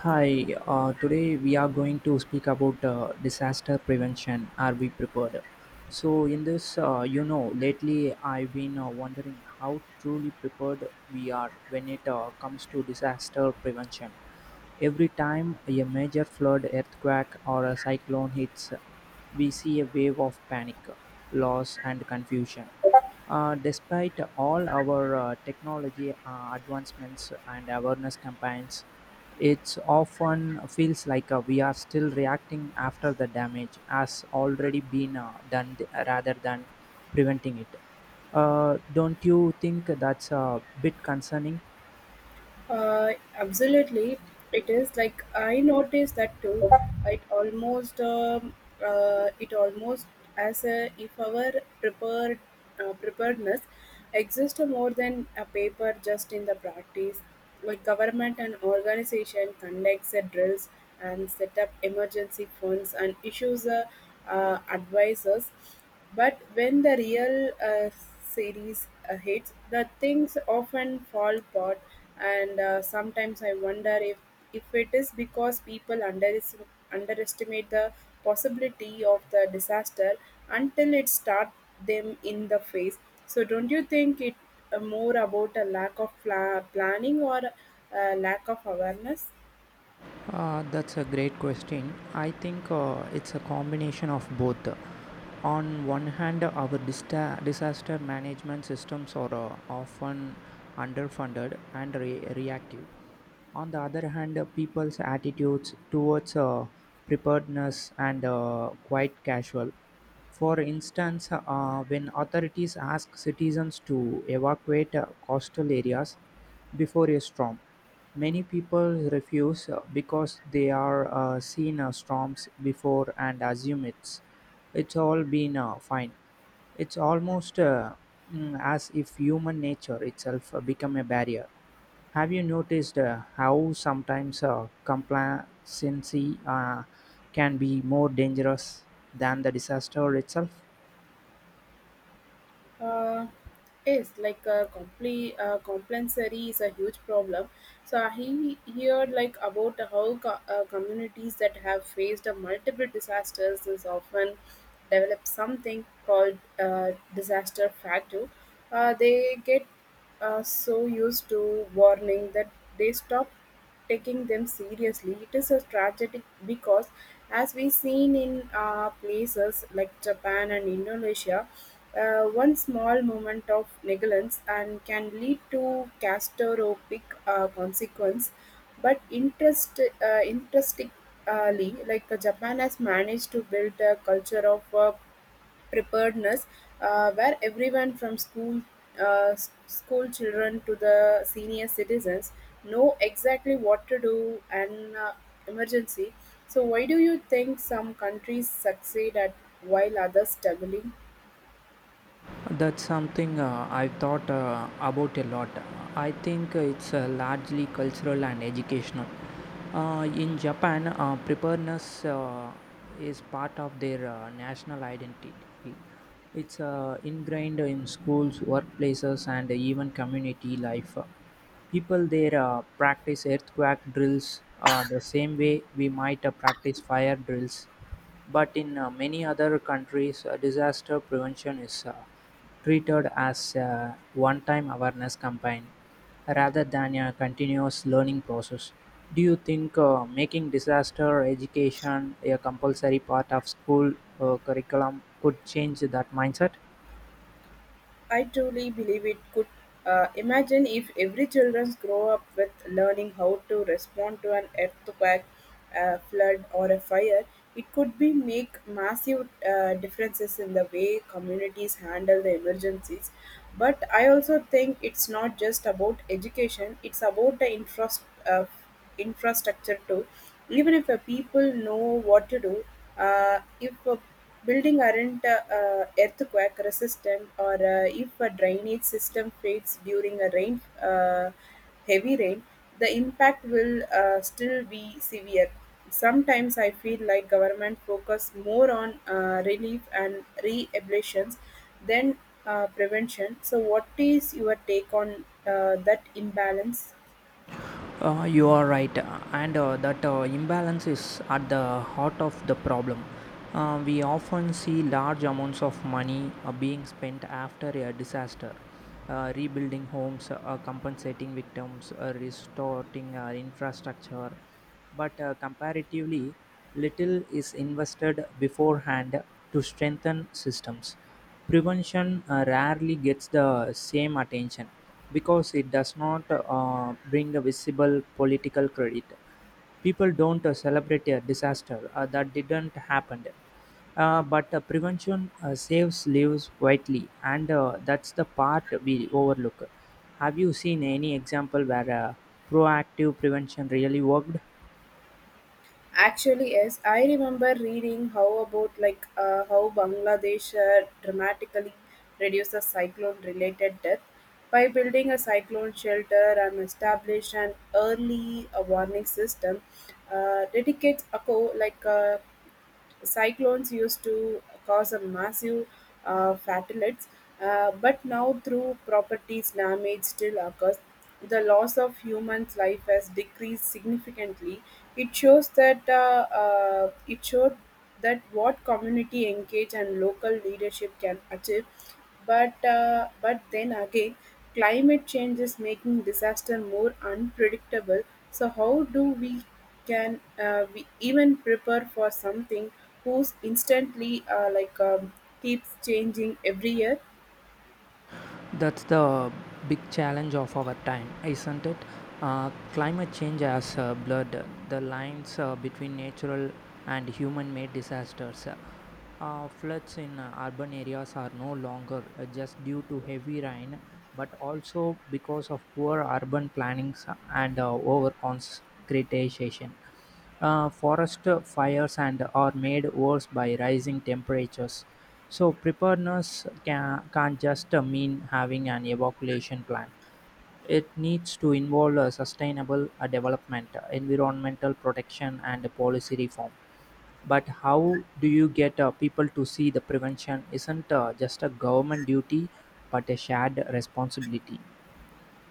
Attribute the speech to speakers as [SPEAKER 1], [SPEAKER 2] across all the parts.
[SPEAKER 1] Hi, today we are going to speak about disaster prevention. Are we prepared? So, in this, you know, lately I've been wondering how truly prepared we are when it comes to disaster prevention. Every time a major flood, earthquake, or a cyclone hits, we see a wave of panic, loss, and confusion. Despite all our technology advancements and awareness campaigns, it often feels like we are still reacting after the damage has already been rather than preventing it. Don't you think that's a bit concerning?
[SPEAKER 2] Absolutely, it is like I noticed that too. It almost um, it almost as a, if our prepared preparedness exists more than a paper just in the practice. Like government and organization conducts a drills and set up emergency funds and issues advisors. But when the real series hits, the things often fall apart and sometimes I wonder if it is because people underestimate the possibility of the disaster until it starts them in the face. So don't you think it more about a lack of planning or a lack of awareness
[SPEAKER 1] That's a great question. I think it's a combination of both. On one hand, our disaster management systems are often underfunded and reactive. On the other hand, people's attitudes towards preparedness and quite casual. For instance, when authorities ask citizens to evacuate coastal areas before a storm, many people refuse because they are seen storms before and assume it's all been fine. It's almost as if human nature itself become a barrier. Have you noticed how sometimes complacency can be more dangerous than the disaster itself?
[SPEAKER 2] uh, is like a compulsory is a huge problem. So I heard like about how communities that have faced a multiple disasters is often develop something called disaster factor. They get so used to warning that they stop taking them seriously. It is a tragedy because as we seen in places like Japan and Indonesia, one small moment of negligence and can lead to catastrophic consequence. But interestingly like Japan has managed to build a culture of preparedness, where everyone from school children to the senior citizens know exactly what to do in emergency. So why do you think some countries succeed at while others struggling?
[SPEAKER 1] That's something I've thought about a lot. I think it's largely cultural and educational. In Japan, preparedness is part of their national identity. It's ingrained in schools, workplaces, and even community life. People there practice earthquake drills the same way we might practice fire drills. But in many other countries, disaster prevention is treated as a one time awareness campaign rather than a continuous learning process. Do you think making disaster education a compulsory part of school curriculum could change that mindset?
[SPEAKER 2] I truly believe it could. Imagine if every children grow up with learning how to respond to an earthquake, a flood, or a fire. It could be make massive differences in the way communities handle the emergencies. But I also think it's not just about education; it's about the infrastructure too. Even if people know what to do, if a building aren't earthquake resistant, or if a drainage system fails during a rain, heavy rain, the impact will still be severe. Sometimes I feel like government focus more on relief and rehabilitations than prevention. So, what is your take on that imbalance?
[SPEAKER 1] You are right, and that imbalance is at the heart of the problem. We often see large amounts of money being spent after a disaster, rebuilding homes, compensating victims, restoring infrastructure, but comparatively, little is invested beforehand to strengthen systems. Prevention rarely gets the same attention because it does not bring a visible political credit. People don't celebrate a disaster that didn't happen. But prevention saves lives widely, and that's the part we overlook. Have you seen any example where proactive prevention really worked?
[SPEAKER 2] Actually, yes, I remember reading how about like how Bangladesh dramatically reduced the cyclone related death by building a cyclone shelter and established an early warning system dedicates a like cyclones used to cause a massive fatalities, but now through properties damage still occurs. The loss of human's life has decreased significantly. It shows that it showed that what community engage and local leadership can achieve, but but then again climate change is making disaster more unpredictable, so how do we can we even prepare for something who's instantly keeps changing every year?
[SPEAKER 1] That's the big challenge of our time, isn't it? Climate change has blurred the lines between natural and human made disasters. Floods in urban areas are no longer just due to heavy rain, but also because of poor urban planning and over concretization. Forest fires and are made worse by rising temperatures, so preparedness can't just mean having an evacuation plan. It needs to involve a sustainable development, environmental protection, and policy reform. But how do you get people to see the prevention isn't just a government duty, but a shared responsibility?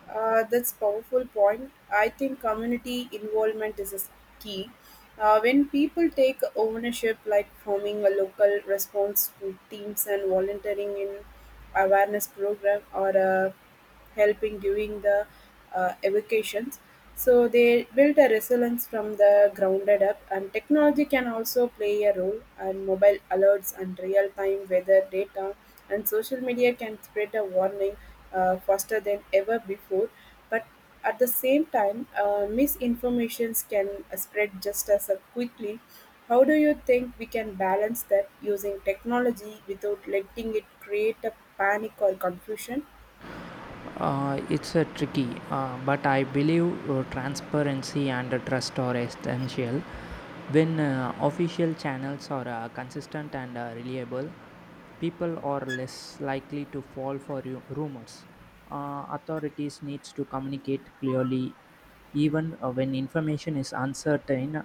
[SPEAKER 2] That's powerful point. I think community involvement is key. When people take ownership, like forming a local response to teams and volunteering in awareness program, or helping during the evacuations, so they built a resilience from the grounded up, and technology can also play a role. And mobile alerts and real time weather data and social media can spread a warning faster than ever before. But at the same time, misinformations can spread just as quickly. How do you think we can balance that using technology without letting it create a panic or confusion?
[SPEAKER 1] It's a tricky, but I believe transparency and trust are essential. When official channels are consistent and reliable, people are less likely to fall for rumors. Authorities needs to communicate clearly, even when information is uncertain.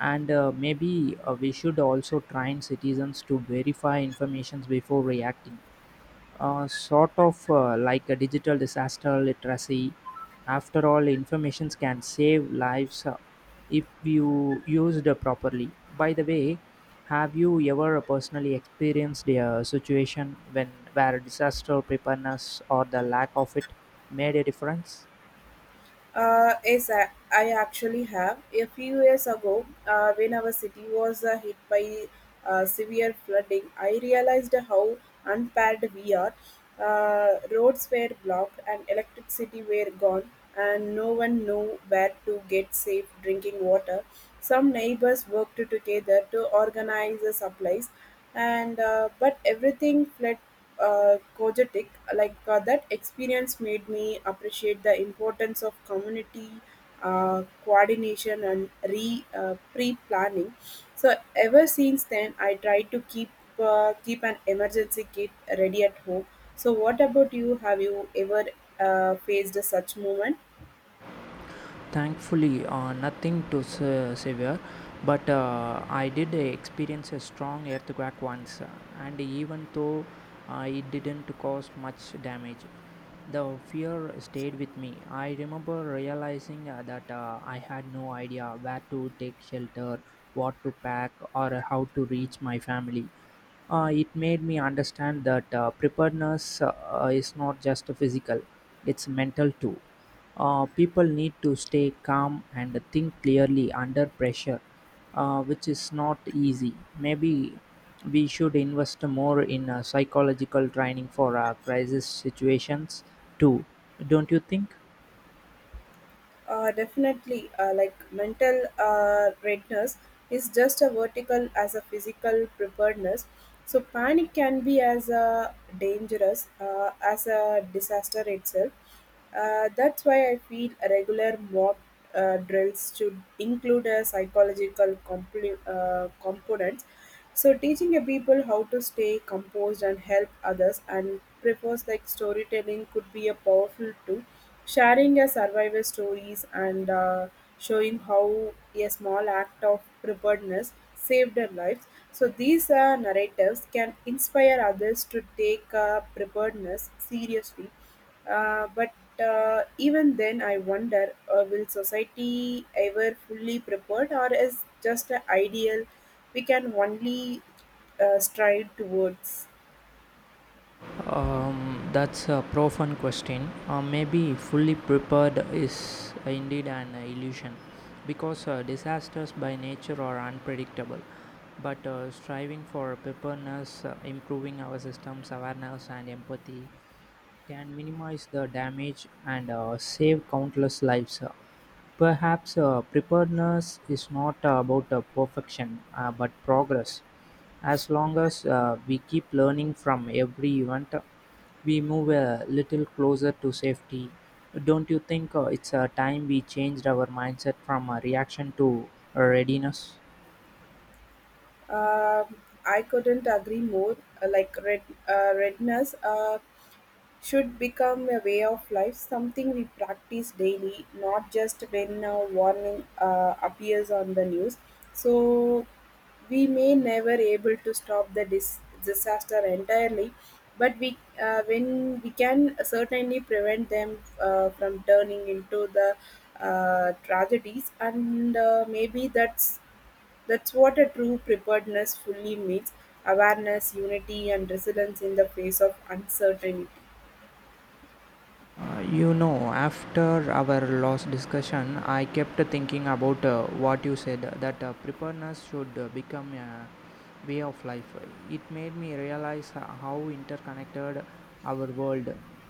[SPEAKER 1] And maybe we should also train citizens to verify information before reacting, sort of like a digital disaster literacy. After all, information can save lives if you used properly. By the way, have you ever personally experienced a situation when where disaster preparedness or the lack of it made a difference?
[SPEAKER 2] Yes, I actually have. A few years ago, when our city was hit by severe flooding, I realized how unpaired we are. Roads were blocked and electricity were gone, and no one knew where to get safe drinking water. Some neighbors worked together to organize the supplies, and but everything fled Kojetic. Like that experience made me appreciate the importance of community coordination and re pre planning. So ever since then, I try to keep an emergency kit ready at home. So what about you? Have you ever faced such moment?
[SPEAKER 1] Thankfully nothing too severe, but I did experience a strong earthquake once, and even though it didn't cause much damage, the fear stayed with me. I remember realizing that I had no idea where to take shelter, what to pack, or how to reach my family. It made me understand that preparedness is not just physical, it's mental too. People need to stay calm and think clearly under pressure, which is not easy. Maybe we should invest more in psychological training for crisis situations too, don't you think?
[SPEAKER 2] Definitely, like mental readiness is just a vertical as a physical preparedness. So panic can be as a dangerous as a disaster itself. That's why I feel regular mock drills should include a psychological component, so teaching a people how to stay composed and help others, and prefers like storytelling could be a powerful tool. Sharing a survival stories and showing how a small act of preparedness saved their lives. So these narratives can inspire others to take preparedness seriously, but even then, I wonder will society ever fully prepared, or is just an ideal we can only strive towards?
[SPEAKER 1] That's a profound question. Maybe fully prepared is indeed an illusion because disasters by nature are unpredictable. But striving for preparedness, improving our systems, awareness, and empathy can minimize the damage and save countless lives. Perhaps preparedness is not about perfection, but progress. As long as we keep learning from every event, we move a little closer to safety. Don't you think it's a time we changed our mindset from a reaction to a readiness?
[SPEAKER 2] Um I couldn't agree more. Like red, redness. Should become a way of life, something we practice daily, not just when a warning appears on the news. So we may never able to stop the disaster entirely, but we when we can certainly prevent them from turning into the tragedies, and maybe that's what a true preparedness fully means: awareness, unity, and resilience in the face of uncertainty.
[SPEAKER 1] You know, after our last discussion, I kept thinking about what you said, that preparedness should become a way of life. It made me realize how interconnected our world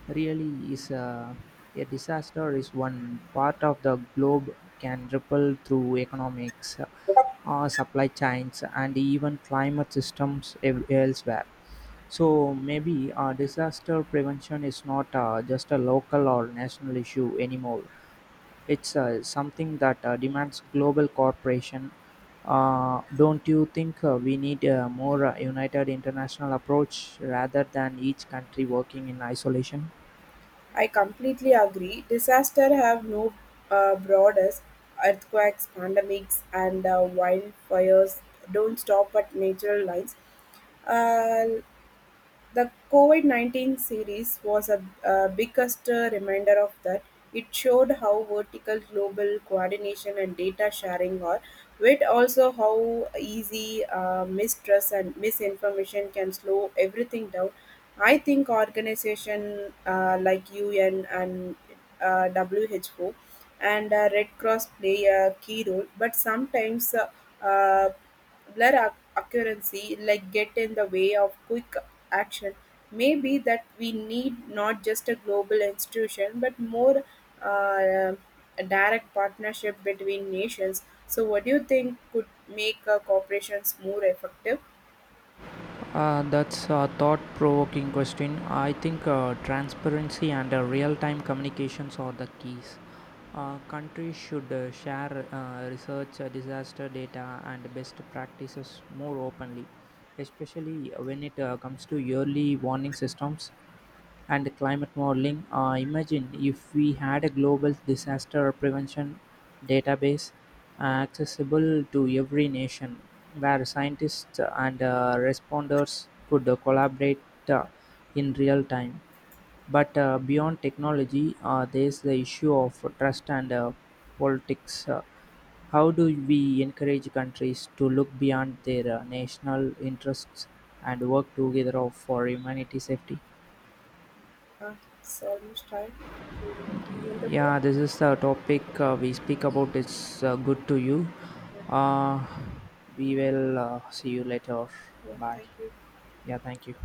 [SPEAKER 1] really is. A disaster is one part of the globe, can ripple through economics, supply chains, and even climate systems elsewhere. So maybe disaster prevention is not just a local or national issue anymore. It's something that demands global cooperation. Don't you think we need a more united international approach rather than each country working in isolation?
[SPEAKER 2] I completely agree. Disaster have no borders. Earthquakes, pandemics, and wildfires don't stop at natural lines. Uh, the Covid 19 series was a biggest reminder of that. It showed how vertical global coordination and data sharing are, with also how easy mistrust and misinformation can slow everything down. I think organization like UN and WHO and Red Cross play a key role, but sometimes uh, blur accuracy like get in the way of quick action. May be that we need not just a global institution but more uh, a direct partnership between nations. So, what do you think could make corporations more effective?
[SPEAKER 1] That's a thought provoking question. I think transparency and real time communications are the keys. Countries should share research, disaster data, and best practices more openly, especially when it comes to yearly warning systems and climate modeling. Imagine if we had a global disaster prevention database accessible to every nation, where scientists and responders could collaborate uh, in real time. But beyond technology, there's the issue of trust and politics. How do we encourage countries to look beyond their national interests and work together for humanity safety?
[SPEAKER 2] Uh, it's almost time. So, end the call?
[SPEAKER 1] Yeah, this is the topic we speak about. It's good to you.
[SPEAKER 2] Yeah,
[SPEAKER 1] Uh, we will see you later.
[SPEAKER 2] yeah,
[SPEAKER 1] Bye.
[SPEAKER 2] thank you.
[SPEAKER 1] Yeah, thank you.